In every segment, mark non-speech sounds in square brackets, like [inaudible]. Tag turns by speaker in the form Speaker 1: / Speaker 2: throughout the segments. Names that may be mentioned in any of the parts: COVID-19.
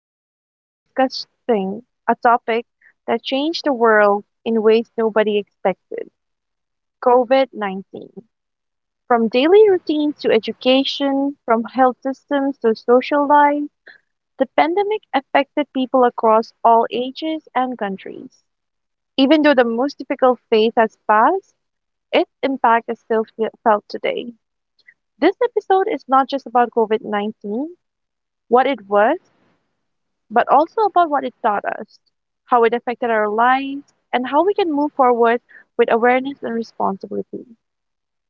Speaker 1: and today we are discussing a topic that changed the world in ways nobody expected, COVID 19. From daily routines to education, from health systems to social life, the pandemic affected people across all ages and countries. Even though the most difficult phase has passed, its impact is still felt today. This episode is not just about COVID 19, what it was, but also about what it taught us, how it affected our lives, and how we can move forward with awareness and responsibility.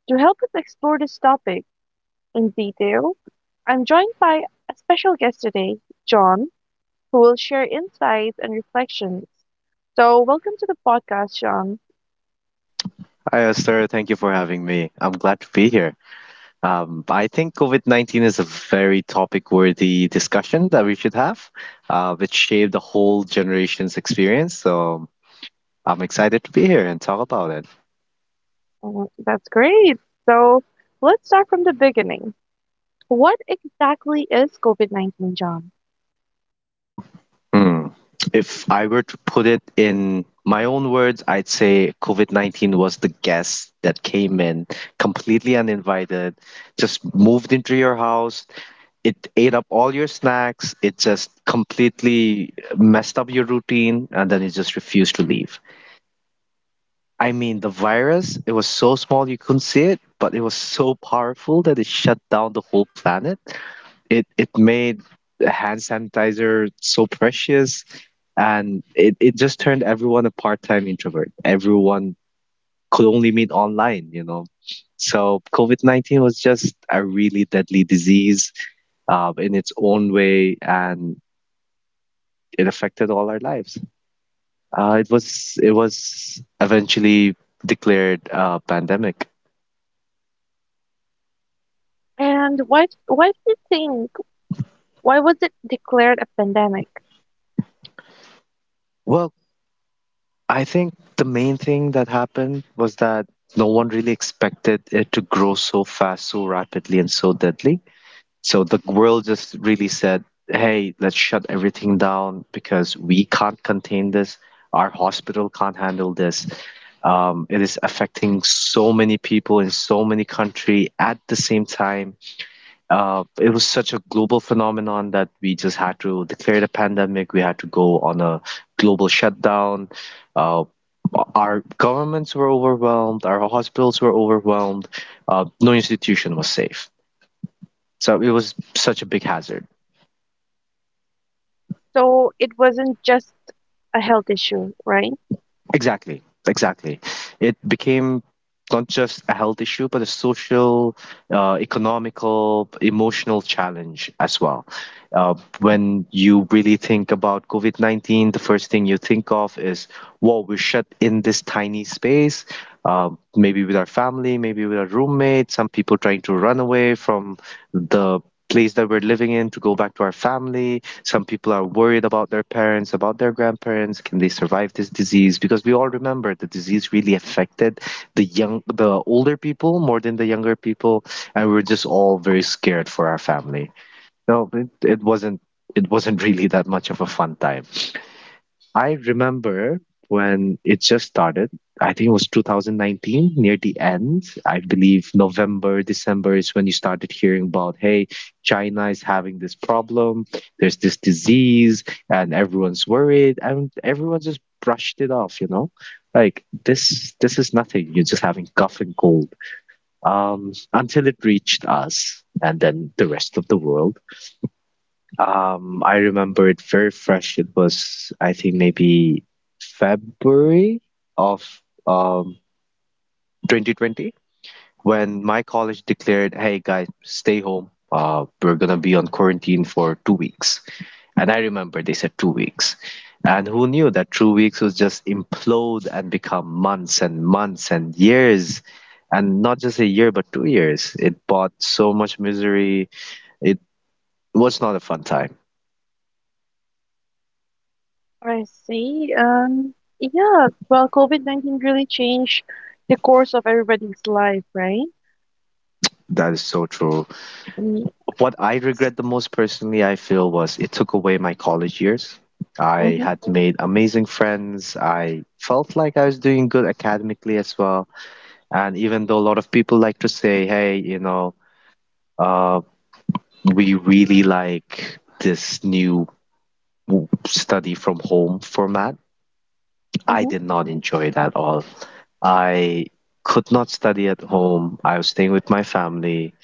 Speaker 1: To help us explore this topic in detail, I'm joined by a special guest today, John, who will share insights and reflections. So, welcome to the podcast, John.
Speaker 2: Hi, Esther. Thank you for having me. I'm glad to be here. I think COVID-19 is a very topic-worthy discussion that we should have, which shaped the whole generation's experience. So I'm excited to be here and talk about it.
Speaker 1: Oh, that's great. So, let's start from the beginning. What exactly is COVID 19, John?
Speaker 2: Hmm. If I were to put it in my own words, I'd say COVID-19 was the guest that came in completely uninvited, just moved into your house, it ate up all your snacks. It just completely messed up your routine, and then it just refused to leave. I mean, the virus, it was so small you couldn't see it, but it was so powerful that it shut down the whole planet. It made hand sanitizer so precious, and it just turned everyone a part-time introvert. Everyone could only meet online. So COVID-19 was just a really deadly disease in its own way, and it affected all our lives. It was eventually declared a pandemic.
Speaker 1: And why do you think why was it declared a pandemic?
Speaker 2: Well, I think the main thing that happened was that no one really expected it to grow so fast, so rapidly, and so deadly. So the world just really said, "Hey, let's shut everything down because we can't contain this. Our hospital can't handle this." It is affecting so many people in so many countries at the same time. It was such a global phenomenon that we just had to declare the pandemic. We had to go on a global shutdown. Uh, our governments were overwhelmed. Our hospitals were overwhelmed. No institution was safe. So it was such a big hazard.
Speaker 1: So it wasn't just a health issue, right?
Speaker 2: Exactly, exactly. It became not just a health issue, but a social, economical, emotional challenge as well. When you really think about COVID-19, the first thing you think of is, whoa, we're shut in this tiny space, maybe with our family, maybe with our roommate, some people trying to run away from the place that we're living in to go back to our family. Some people are worried about their parents, about their grandparents. Can they survive this disease? Because we all remember the disease really affected the young, the older people more than the younger people, and we were just all very scared for our family. No, it wasn't. It wasn't [laughs] really that much of a fun time. I remember when it just started. I think it was 2019, near the end. I believe November, December is when you started hearing about, hey, China is having this problem. There's this disease, and everyone's worried, and everyone just brushed it off. Like this is nothing. You're just having cough and cold. Until it reached us, and then the rest of the world. I remember it very fresh. It was, I think, maybe February of 2020 when my college declared, "Hey guys, stay home. We're gonna be on quarantine for 2 weeks." And I remember they said 2 weeks, and who knew that 2 weeks was just implode and become months and months and years, and not just a year but 2 years. It brought so much misery. It was not a fun time.
Speaker 1: I see. Yeah, well, COVID-19 really changed the course of everybody's life, right?
Speaker 2: That is so true.
Speaker 1: Mm,
Speaker 2: What I regret the most personally, I feel, was it took away my college years. I
Speaker 1: mhm,
Speaker 2: had made amazing friends. I felt like I was doing good academically as well. And even though a lot of people like to say, hey, uh, we really like this new study from home format, I
Speaker 1: mhm,
Speaker 2: did not enjoy it at all. I could not study at home. I was staying with my family.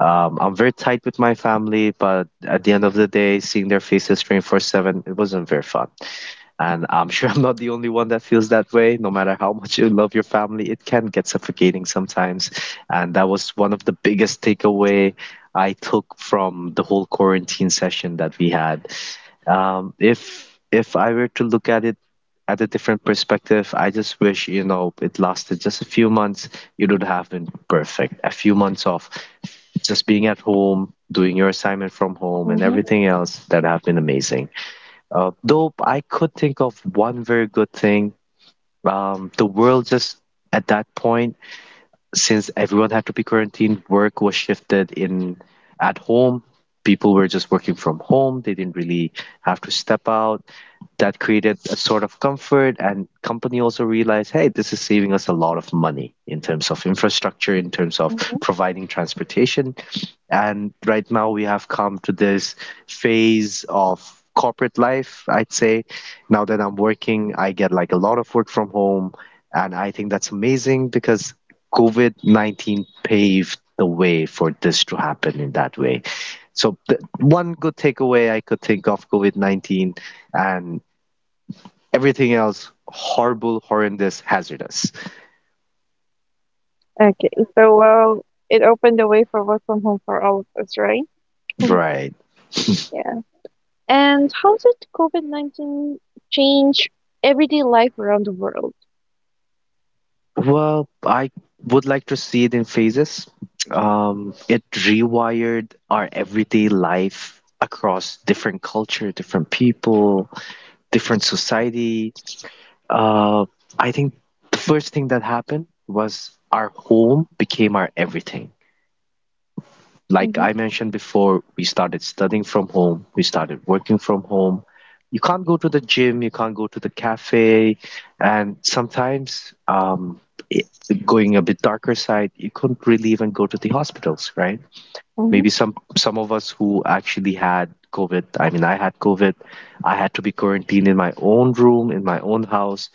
Speaker 2: I'm very tight with my family, but at the end of the day, seeing their faces 24/7, it wasn't very fun. And I'm [laughs] sure I'm not the only one that feels that way. No matter how much you love your family, it can get suffocating sometimes. And that was one of the biggest takeaway I took from the whole quarantine session that we had. If I were to look at it at a different perspective, I just wish, it lasted just a few months. It would have been perfect. A few months off, just being at home, doing your assignment from home, and
Speaker 1: mhm,
Speaker 2: everything else that have been amazing. Though I could think of one very good thing. The world just at that point, since everyone had to be quarantined, work was shifted in at home. People were just working from home. They didn't really have to step out. That created a sort of comfort, and company also realized, hey, this is saving us a lot of money in terms of infrastructure, in terms of
Speaker 1: mhm.
Speaker 2: providing transportation. And right now we have come to this phase of corporate life, I'd say. Now that I'm working, I get like a lot of work from home. And I think that's amazing because COVID-19 paved the way for this to happen in that way. So the one good takeaway I could think of COVID-19, and everything else horrible, horrendous, hazardous.
Speaker 1: Okay, so well, it opened the way for work from home for all of us, right? [laughs]
Speaker 2: Right.
Speaker 1: Yeah. And how did COVID-19 change everyday life around the world?
Speaker 2: Well, I would like to see it in phases. It rewired our everyday life across different culture, different people, different society. Uh, I think the first thing that happened was our home became our everything. Like
Speaker 1: Mm-hmm,
Speaker 2: I mentioned before, we started studying from home, we started working from home. You can't go to the gym, you can't go to the cafe, and sometimes, it, going a bit darker side, you couldn't really even go to the hospitals, right?
Speaker 1: mm-hmm,
Speaker 2: Maybe some of us who actually had COVID. I mean, I had COVID. I had to be quarantined in my own room, in my own house,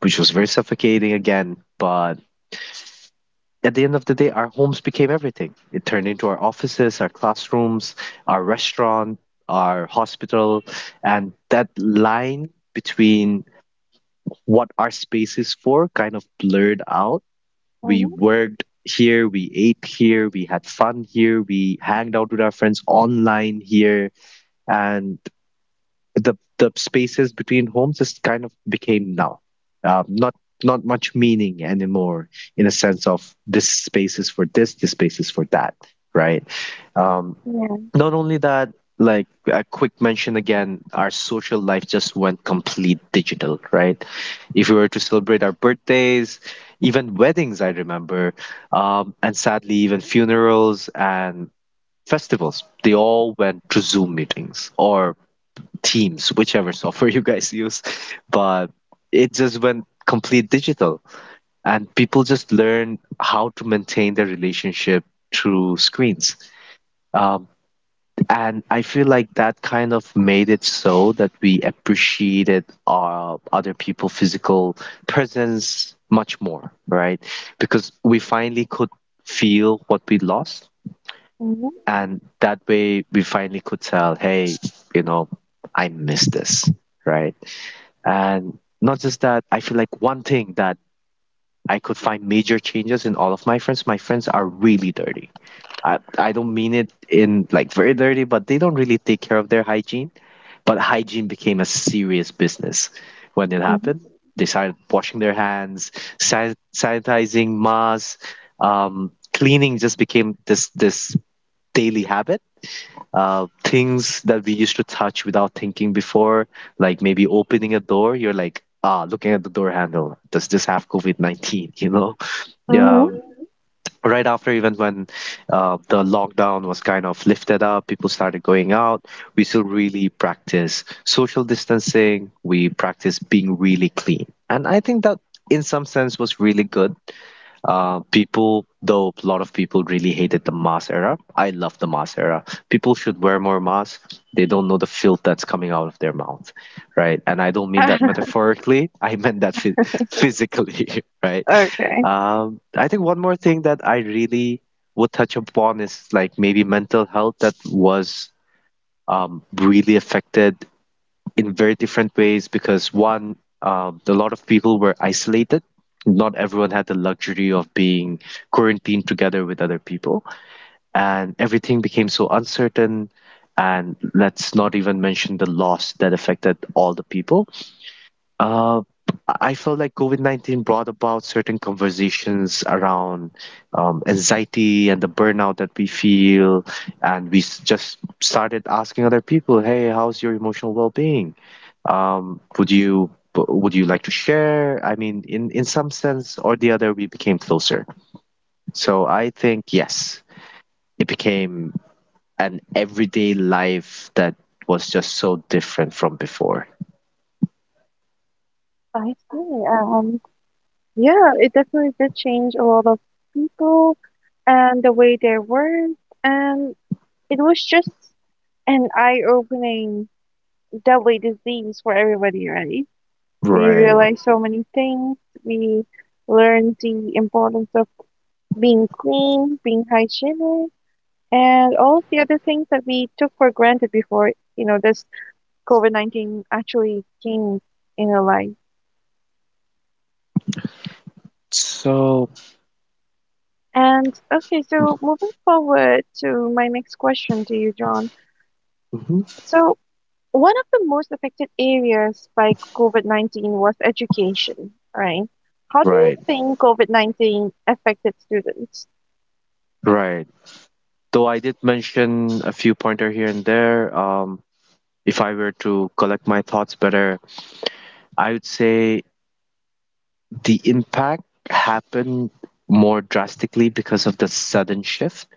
Speaker 2: which was very suffocating again. But at the end of the day, our homes became everything. It turned into our offices, our classrooms, our restaurant, our hospital, and that line between what our space is for kind of blurred out. We
Speaker 1: mm-hmm.
Speaker 2: worked here, we ate here, we had fun here, we hanged out with our friends online here, and the spaces between homes just kind of became now, um, not not much meaning anymore, in a sense of this space is for this. This space is for that, right? um, Not only that, like a quick mention again, our social life just went complete digital, right? If we were to celebrate our birthdays, even weddings, I remember, and sadly even funerals and festivals, they all went to Zoom meetings or Teams, whichever software [laughs] you guys use, but it just went complete digital. And people just learn how to maintain their relationship through screens. Um, and I feel like that kind of made it so that we appreciated other people's physical presence much more, right? Because we finally could feel what we lost.
Speaker 1: Mhm,
Speaker 2: And that way we finally could tell, hey, you know, I miss this, right? And not just that, I feel like one thing that I could find major changes in all of my friends are really dirty. I don't mean it in like very dirty, but they don't really take care of their hygiene. But hygiene became a serious business when it
Speaker 1: mhm,
Speaker 2: happened. They started washing their hands, sanitizing masks, cleaning just became this daily habit. Things that we used to touch without thinking before, like maybe opening a door, you're like, ah, looking at the door handle, does this have COVID-19? [laughs] You know? Yeah.
Speaker 1: mhm.
Speaker 2: Right after, even when the lockdown was kind of lifted up, people started going out. We still really practice social distancing. We practice being really clean. And I think that in some sense was really good. People, though a lot of people really hated the mask era, I love the mask era. People should wear more masks. They don't know the filth that's coming out of their mouth, right? And I don't mean that
Speaker 1: [laughs]
Speaker 2: metaphorically. [laughs] I meant that [laughs] physically, [laughs] right?
Speaker 1: Okay,
Speaker 2: I think one more thing that I really would touch upon is like maybe mental health that was really affected in very different ways, because one, a lot of people were isolated. Not everyone had the luxury of being quarantined together with other people, and everything became so uncertain. And let's not even mention the loss that affected all the people. Uh, I felt like COVID-19 brought about certain conversations around anxiety and the burnout that we feel. And we just started asking other people, hey, how's your emotional well being? Um, would you would you like to share? I mean, in some sense or the other, we became closer. So I think yes, it became an everyday life that was just so different from before.
Speaker 1: I see. Yeah, it definitely did change a lot of people and the way they work, and it was just an eye-opening deadly disease for everybody, right? We
Speaker 2: Right.
Speaker 1: realized so many things. We learned the importance of being clean, being hygienic, and all of the other things that we took for granted before, this COVID-19 actually came in our life.
Speaker 2: So.
Speaker 1: And okay, so moving forward to my next question to you, John.
Speaker 2: Mhm.
Speaker 1: So, one of the most affected areas by COVID-19 was education, right? How do you
Speaker 2: Right,
Speaker 1: think COVID-19 affected students?
Speaker 2: right. Though I did mention a few pointer here and there, if I were to collect my thoughts better, I would say the impact happened more drastically because of the sudden shift.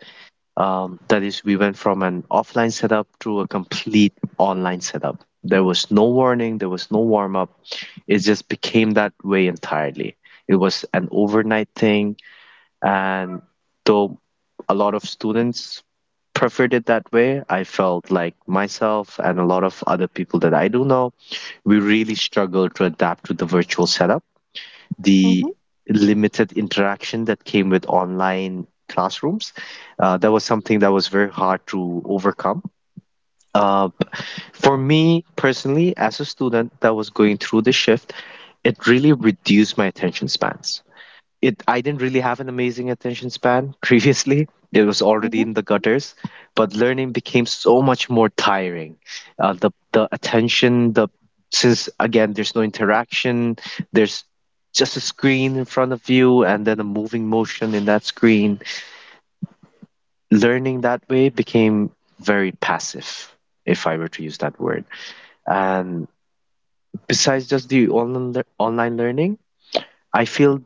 Speaker 2: That is, we went from an offline setup to a complete online setup. There was no warning, there was no warm up. It just became that way entirely. It was an overnight thing, and though a lot of students preferred it that way, I felt like myself and a lot of other people that I do know, we really struggled to adapt to the virtual setup, the
Speaker 1: Mm-hmm,
Speaker 2: limited interaction that came with online classrooms. That was something that was very hard to overcome. Uh, for me personally, as a student that was going through the shift, it really reduced my attention spans. It, I didn't really have an amazing attention span [laughs] previously. It was already
Speaker 1: mm-hmm,
Speaker 2: in the gutters, but learning became so much more tiring. The attention, the, since again there's no interaction, there's just a screen in front of you and then a moving motion in that screen. Learning that way became very passive, if I were to use that word. And besides just the online learning, I feel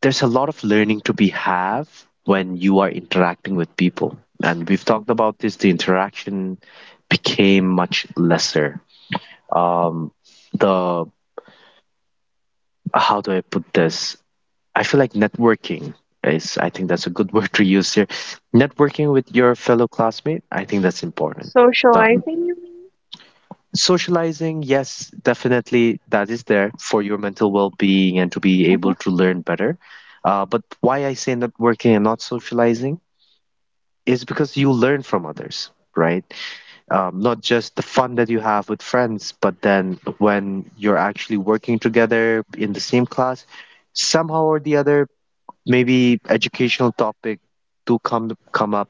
Speaker 2: there's a lot of learning to be have when you are interacting with people, and we've talked
Speaker 1: mm-hmm.
Speaker 2: about this, the interaction became much lesser, um the, how do I put this, I feel like networking is, I think that's a good [laughs] word to use here, networking with your fellow classmate, I think that's important. Not-
Speaker 1: Socializing, you mean?
Speaker 2: Socializing, yes, definitely that is there for your mental well-being and to be
Speaker 1: Mm-hmm,
Speaker 2: able to learn better, but why I say networking and not socializing is because you learn from others, right? Not just the fun that you have with friends, but then when you're actually working together in the same class, somehow or the other, maybe educational topic do come up,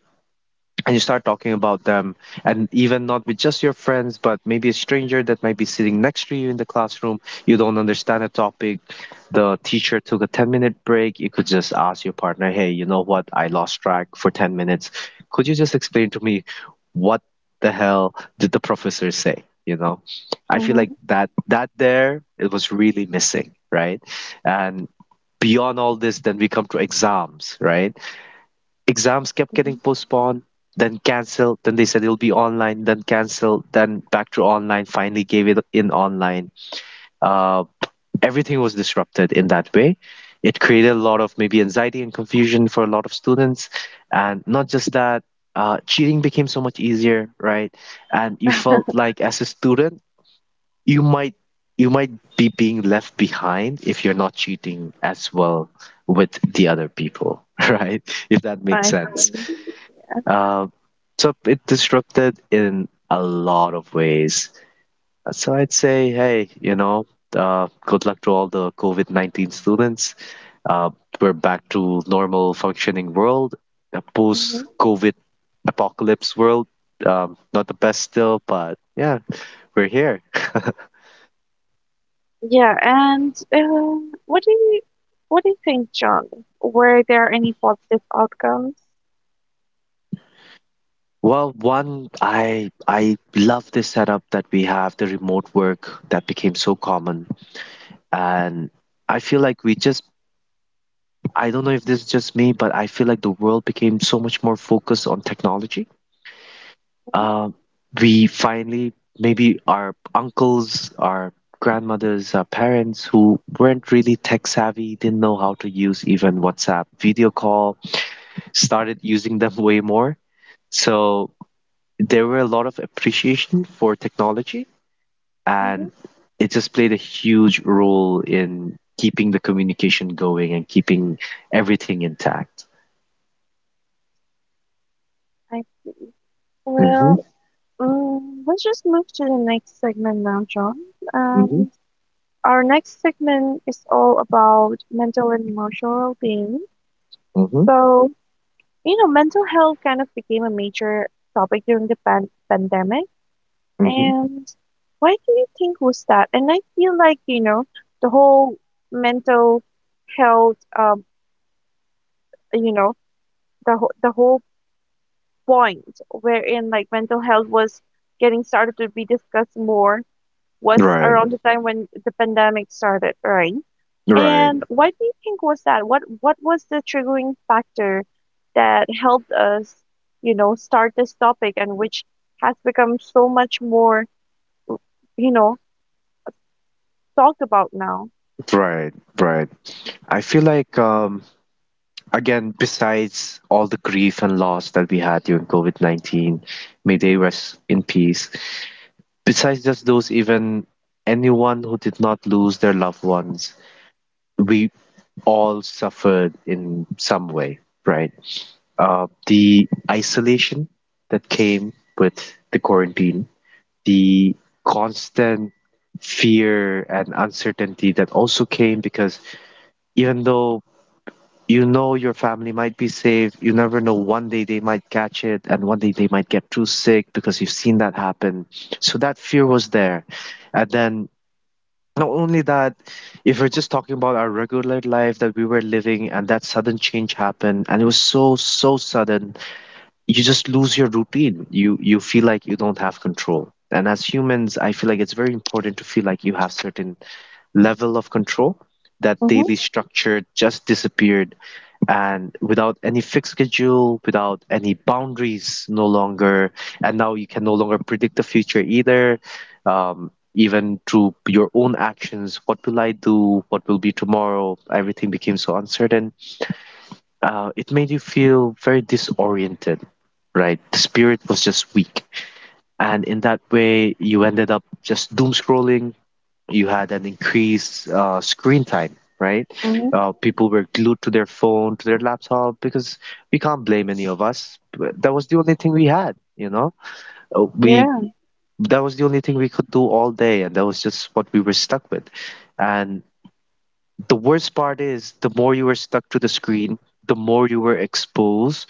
Speaker 2: and you start talking about them, and even not with just your friends but maybe a stranger that might be sitting next to you in the classroom. You don't understand a topic, the teacher took a 10-minute break, you could just ask your partner, hey, you know what, I lost track for 10 minutes, could you just explain to me what the hell did the professor say? You know, I feel
Speaker 1: mm-hmm,
Speaker 2: like that there, it was really missing, right? And beyond all this, then we come to exams, right? Exams kept getting
Speaker 1: mm-hmm.
Speaker 2: postponed, then canceled. Then they said it'll be online, then canceled, then back to online. Finally, gave it in online. Uh, Everything was disrupted in that way. It created a lot of maybe anxiety and confusion for a lot of students, and not just that. Cheating became so much easier, right? And you felt like as a student, you might you might be being left behind if you're not cheating as well with the other people, [laughs] right? If that makes
Speaker 1: I
Speaker 2: sense.
Speaker 1: see.
Speaker 2: Uh, so it disrupted in a lot of ways. So I'd say, hey, you know, good luck to all the COVID-19 students. Uh, we're back to normal functioning world, a
Speaker 1: Mm-hmm.
Speaker 2: post-COVID apocalypse world. Not the best still, but yeah, we're here.
Speaker 1: Yeah, and what do you think, John? Were there any positive outcomes?
Speaker 2: Well, one, I love this setup that we have, the remote work that became so common, and I feel like we just I don't know if this is just me, but I feel like the world became so much more focused on technology.
Speaker 1: Mm-hmm,
Speaker 2: Uh, we finally, maybe our uncles, our grandmothers, our parents who weren't really tech savvy, didn't know how to use even WhatsApp, video call, started using them [laughs] way more. So there were a lot of appreciation for technology,
Speaker 1: mm-hmm.
Speaker 2: and it just played a huge role in keeping the communication going and keeping everything intact.
Speaker 1: I
Speaker 2: Hmm.
Speaker 1: Well, let's just move to the next segment now, John. Um, our next segment is all about mental and emotional well-being.
Speaker 2: Mm-hmm.
Speaker 1: So, mental health kind of became a major topic during the pandemic.
Speaker 2: Mm-hmm.
Speaker 1: And why do you think was that? And I feel like, the whole mental health, um, you know, the whole the whole point wherein like mental health was getting started to be discussed more was
Speaker 2: Right.
Speaker 1: around the time when the pandemic started, right?
Speaker 2: Right.
Speaker 1: And why do you think was that? What was the triggering factor that helped us, start this topic and which has become so much more, you know, talked about now?
Speaker 2: Right. Right. I feel like, again, besides all the grief and loss that we had during COVID-19, may they rest in peace. Besides just those, even anyone who did not lose their loved ones, we all suffered in some way, right? The isolation that came with the quarantine, the constant fear and uncertainty that also came because even though you know your family might be safe, you never know one day they might catch it, and one day they might get too sick because you've seen that happen. So that fear was there. And then not only that, if we're just talking about our regular life that we were living, and that sudden change happened, and it was so so sudden, you just lose your routine. You feel like you don't have control. And as humans, I feel like it's very important to feel like you have certain level of control. That
Speaker 1: Mm-hmm.
Speaker 2: daily structure just disappeared, and without any fixed schedule, without any boundaries, no longer. And now you can no longer predict the future either. Even through your own actions, what will I do? What will be tomorrow? Everything became so uncertain. It made you feel very disoriented, right? The spirit was just weak. And in that way, you ended up just doom scrolling. You had an increased screen time, right?
Speaker 1: Mm-hmm.
Speaker 2: People were glued to their phone, to their laptop, because we can't blame any of us. But that was the only thing we had, you know? We
Speaker 1: Yeah.
Speaker 2: That was the only thing we could do all day, and that was just what we were stuck with. And the worst part is the more you are stuck to the screen, the more you were exposed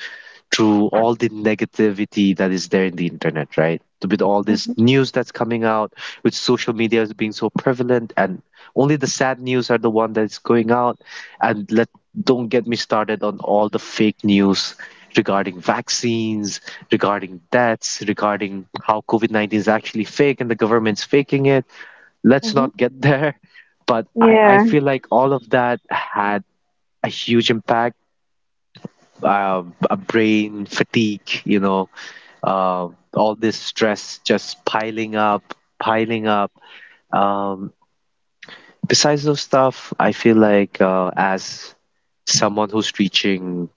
Speaker 2: to all the negativity that is there in the internet, right? With all this
Speaker 1: Mm-hmm.
Speaker 2: news that's coming out, with social media is being so prevalent, and only the sad news are the one that's going out. And let don't get me started on all the fake news regarding vaccines, regarding deaths, regarding how COVID COVID-19 is actually fake and the government's faking it, let's
Speaker 1: Mm-hmm.
Speaker 2: not get [laughs] there. But I
Speaker 1: Yeah.
Speaker 2: feel like all of that had a huge impact. Uh, a brain fatigue, you know, all this stress just piling up, piling up. Um, Besides those stuff, I feel like as someone who's reaching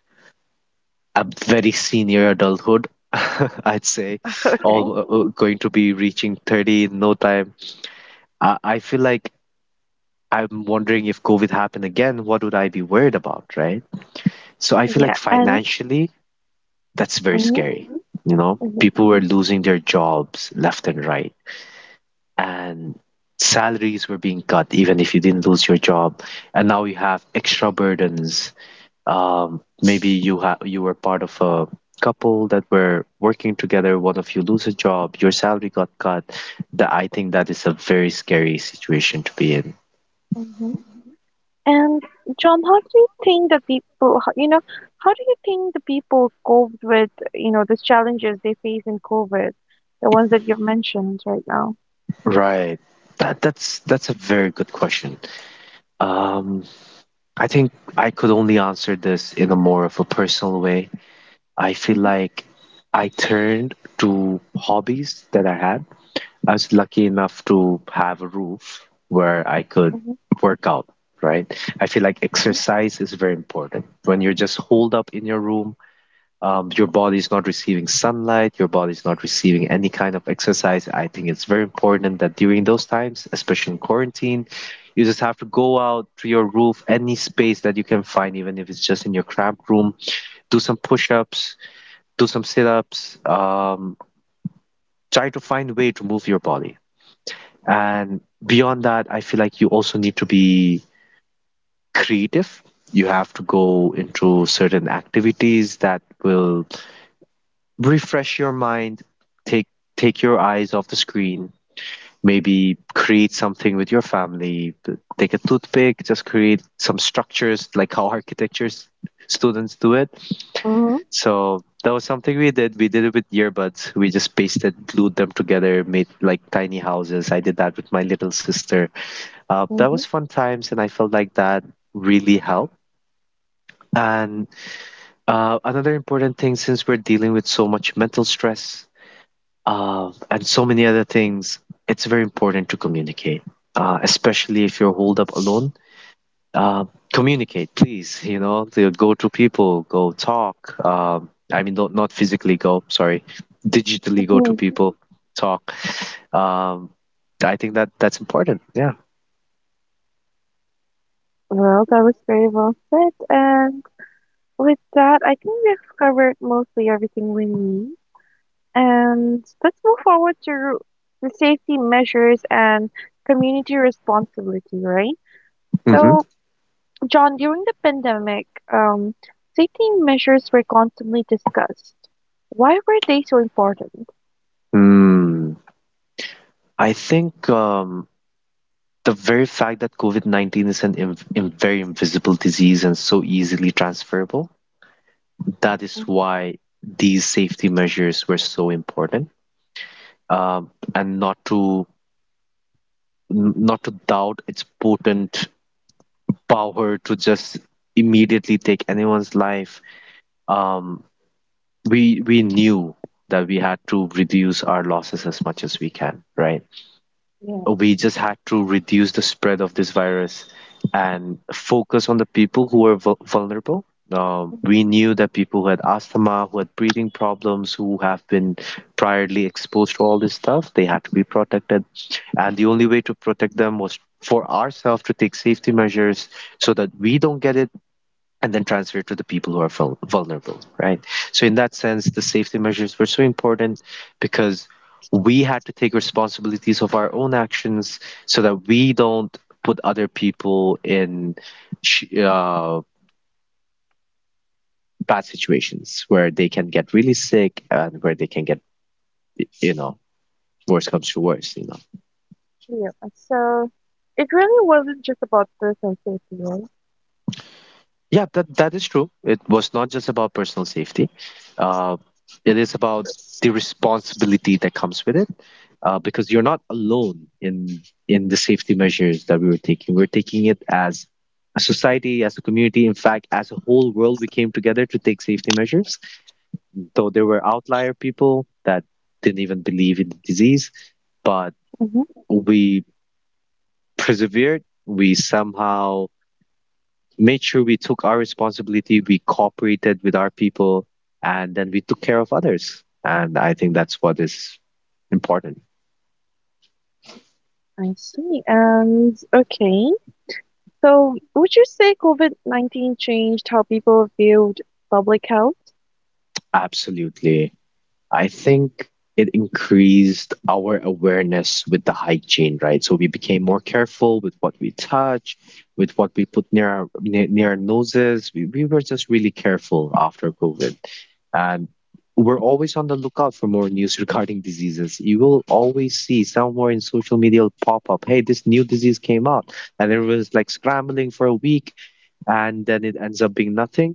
Speaker 2: a very senior adulthood, [laughs] I'd say,
Speaker 1: Okay.
Speaker 2: all going to be reaching 30 in no time. I feel like I'm wondering if COVID happened again, what would I be worried about, right? So I feel like
Speaker 1: Yeah. And
Speaker 2: financially, that's very
Speaker 1: mm-hmm.
Speaker 2: scary. You know, people were losing their jobs left and right, and salaries were being cut, even if you didn't lose your job. And now you have extra burdens. Maybe you were part of a couple that were working together. One of you lose a job, your salary got cut. That I think that is a very scary situation to be in.
Speaker 1: Yeah. And John, how do you think the people, coped with, the challenges they face in COVID, the ones that you've mentioned right now?
Speaker 2: Right. That's a very good question. Um, I think I could only answer this in a more of a personal way. I feel
Speaker 1: Mm-hmm,
Speaker 2: like I turned to hobbies that I had. I was lucky enough to have a roof where I could
Speaker 1: mm-hmm,
Speaker 2: work out, right? I feel like exercise is very important. When you're just holed up in your room, your body is not receiving sunlight, your body is not receiving any kind of exercise. I think it's very important that during those times, especially in quarantine, you just have to go out to your roof, any space that you can find, even if it's just in your cramped room, do some push ups, do some sit ups, try to find a way to move your body. And beyond that, I feel like you also need to be creative. You have to go into certain activities that will refresh your mind, take take your eyes off the screen, maybe create something with your family, take a toothpick, just create some structures like how students do it.
Speaker 1: mm-hmm,
Speaker 2: So that was something we did. We did it with earbuds. We just pasted, glued them together, made like tiny houses. I did that with my little sister. That
Speaker 1: mm-hmm,
Speaker 2: was fun times, and I felt like that really helped. And another important thing, since we're dealing with so much mental stress, and so many other things. It's very important to communicate, especially if you're holed up alone. Uh, Communicate, please. You know, to go to people, go talk. I mean, not physically go. Sorry, digitally go to
Speaker 1: mm-hmm.
Speaker 2: people, talk. Um, I think that that's important. Yeah.
Speaker 1: Well, that was very well said. And with that, I think we've covered mostly everything we need. And let's move forward to the safety measures and community responsibility, right?
Speaker 2: Mm-hmm.
Speaker 1: So, John, during the pandemic, um, safety measures were constantly discussed. Why were they so important?
Speaker 2: Mm. I think the very fact that COVID COVID-19 is an inv- in very invisible disease and so easily transferable. That is
Speaker 1: Mm,
Speaker 2: why these safety measures were so important, um, and not to doubt its potent power to just immediately take anyone's life. Um, we knew that we had to reduce our losses as much as we can, right?
Speaker 1: yeah.
Speaker 2: We just had to reduce the spread of this virus and focus on the people who were vulnerable.
Speaker 1: Mhm,
Speaker 2: We knew that people who had asthma, who had breathing problems, who have been priorly exposed to all this stuff, they had to be protected. And the only way to protect them was for ourselves to take safety measures so that we don't get it and then transfer it to the people who are vulnerable, right? So, in that sense, the safety measures were so important because we had to take responsibilities of our own actions so that we don't put other people in sh- uh, bad situations where they can get really sick and where they can get, you know, worse comes to worse, you know.
Speaker 1: yeah. So it really wasn't just about personal safety, right?
Speaker 2: Yeah, that is true. It was not just about personal safety. Uh, it is about the responsibility that comes with it, because you're not alone in the safety measures that we were taking. We're taking it as a society, as a community, in fact, as a whole world. We came together to take safety measures. Though there were outlier people that didn't even believe in the disease, but
Speaker 1: Hmm.
Speaker 2: we persevered. We somehow made sure we took our responsibility, we cooperated with our people, and then we took care of others. And I think that's what is important.
Speaker 1: I see. And okay. So would you say COVID-19 changed how people viewed public health?
Speaker 2: Absolutely. I think it increased our awareness with the hygiene, right? So we became more careful with what we touch, with what we put near our near, near our noses. We were just really careful after COVID. And we're always on the lookout for more news [laughs] regarding diseases. You will always see somewhere in social media will pop up, hey, this new disease came out. And everyone's like scrambling for a week and then it ends up being nothing,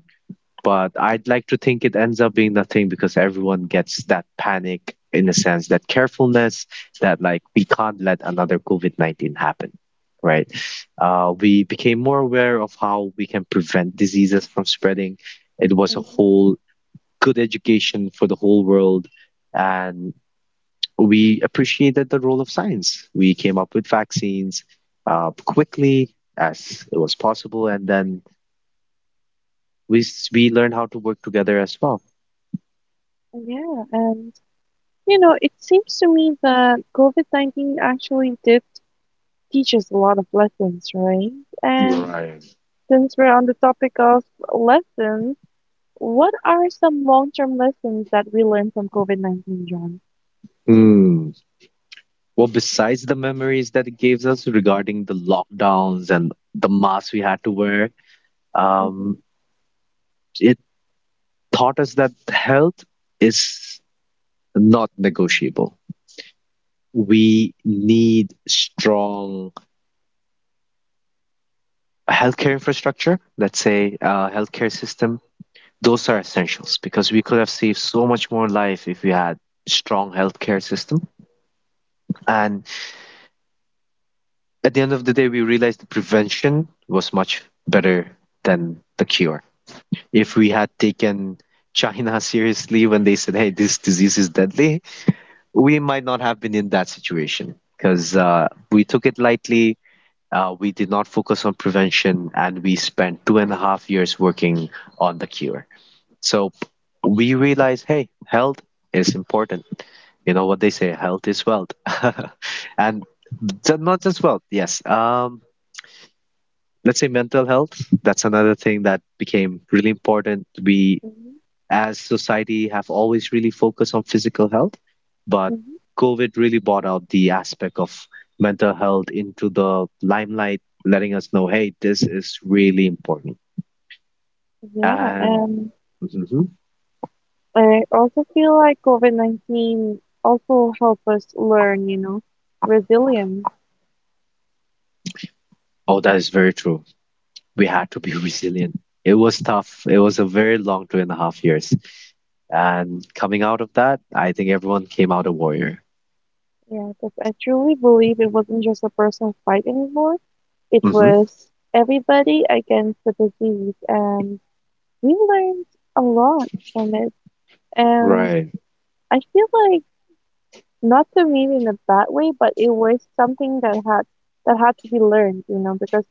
Speaker 2: but I'd like to think it ends up being nothing because everyone gets that panic in a sense, that carefulness that like we can't let another COVID 19 happen, right? We became more aware of how we can prevent diseases from spreading. It was a
Speaker 1: Hmm.
Speaker 2: whole good education for the whole world. And we appreciated the role of science. We came up with vaccines quickly as it was possible. And then we, we learned how to work together as well.
Speaker 1: Yeah, and it seems to me that COVID-19 actually did teach us a lot of lessons, right? And
Speaker 2: Right.
Speaker 1: Since we're on the topic of lessons, what are some long term lessons that we learned from COVID 19, John?
Speaker 2: Hmm. Well, besides the memories that it gives us regarding the lockdowns and the masks we had to wear,
Speaker 1: Mm-hmm,
Speaker 2: um, it taught us that health is not negotiable. We need strong healthcare infrastructure, let's say, healthcare system. Those are essentials because we could have saved so much more life if we had strong healthcare system. And at the end of the day, we realized the prevention was much better than the cure. If
Speaker 1: mm-hmm,
Speaker 2: we had taken China seriously when they said, hey, this disease is deadly, we might not have been in that situation because we took it lightly. We did not focus on prevention and we spent 2.5 years working on the cure. So we realized, hey, health is important. You know what they say, health is wealth. [laughs] And not just wealth, yes. Let's say mental health, that's another thing that became really important. We
Speaker 1: mm-hmm,
Speaker 2: as society have always really focused on physical health, but
Speaker 1: mm-hmm.
Speaker 2: COVID really brought out the aspect of mental health into the limelight, letting us know, hey, this is really important.
Speaker 1: Yeah,
Speaker 2: And mhm.
Speaker 1: I also feel like COVID 19 also helped us learn, resilience.
Speaker 2: Oh, that is very true. We had to be [laughs] resilient. It was tough. It was a very long 2.5 years, and coming out of that, I think everyone came out a warrior.
Speaker 1: Yeah, because I truly believe it wasn't just a personal fight anymore, it
Speaker 2: Hmm,
Speaker 1: was everybody against the disease, and we learned a lot from it. And
Speaker 2: right.
Speaker 1: I feel like not to mean in a bad way, but it was something that had to be learned, because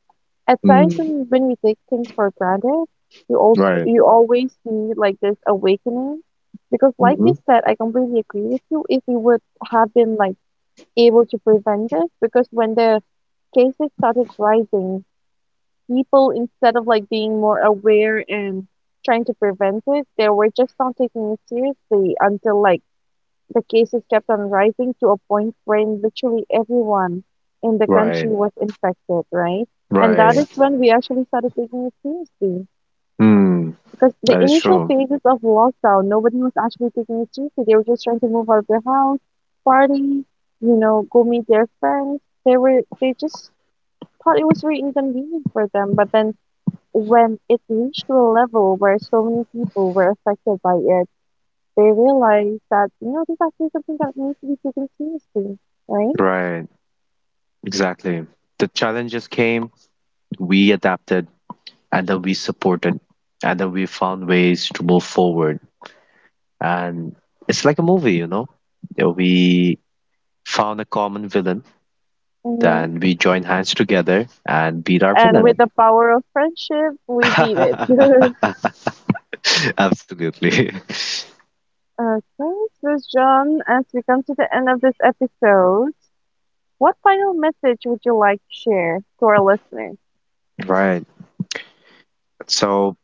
Speaker 1: at times
Speaker 2: Mm,
Speaker 1: when we take things for granted,
Speaker 2: right.
Speaker 1: you always need like this awakening. Because like
Speaker 2: Hmm.
Speaker 1: you said, I completely agree with you if we would have been like able to prevent this, because when the cases started rising, people instead of like being more aware and trying to prevent it, they were just not taking it seriously until like the cases kept on rising to a point when literally everyone in the country
Speaker 2: Right,
Speaker 1: was infected, right? And that
Speaker 2: right.
Speaker 1: is when we actually started taking it seriously.
Speaker 2: Hmm,
Speaker 1: Because the
Speaker 2: that is
Speaker 1: initial
Speaker 2: true.
Speaker 1: phases of lockdown, nobody was actually taking it seriously. They were just trying to move out of their house, party, go meet their friends. They just thought it was very inconvenient for them. But then when it reached to a level where so many people were affected by it, they realize that, this is actually something that needs to be taken seriously, right?
Speaker 2: Right, exactly. The challenges came, we adapted, and then we supported, and then we found ways to move forward. And it's like a movie, you know? Yeah, we found a common villain,
Speaker 1: Hmm.
Speaker 2: then we joined hands together and beat our
Speaker 1: And yep, with
Speaker 2: villain.
Speaker 1: the power of friendship, we beat it. [laughs]
Speaker 2: [laughs] Absolutely. [laughs]
Speaker 1: Okay, so John, as we come to the end of this episode, what final message would you like to share to our listeners?
Speaker 2: Right. So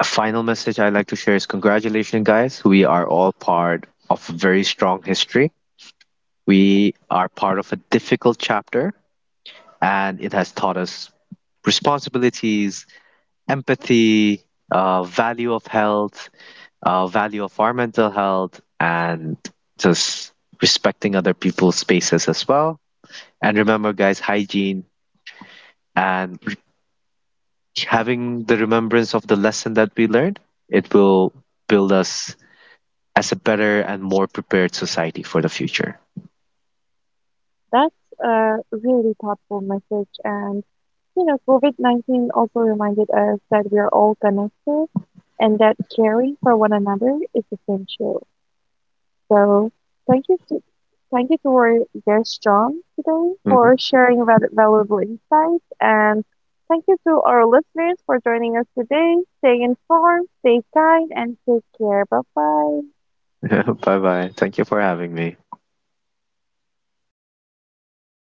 Speaker 2: a final message I'd like to share is congratulations, guys. We are all part of a very strong history. We are part of a difficult chapter, and it has taught us responsibilities, empathy, value of health, value of our mental health, and just respecting other people's spaces as well. And remember, guys, hygiene and having the remembrance of the lesson that we learned, it will build us as a better and more prepared society for the future.
Speaker 1: That's a really thoughtful message. And, COVID 19 also reminded us that we are all connected and that caring for one another is essential. So thank you to, thank you to our guest John today
Speaker 2: Hmm.
Speaker 1: for sharing valuable insights and thank you to our listeners for joining us today. Stay informed, stay kind, and take care. Bye bye.
Speaker 2: [laughs] Bye bye. Thank you for having me.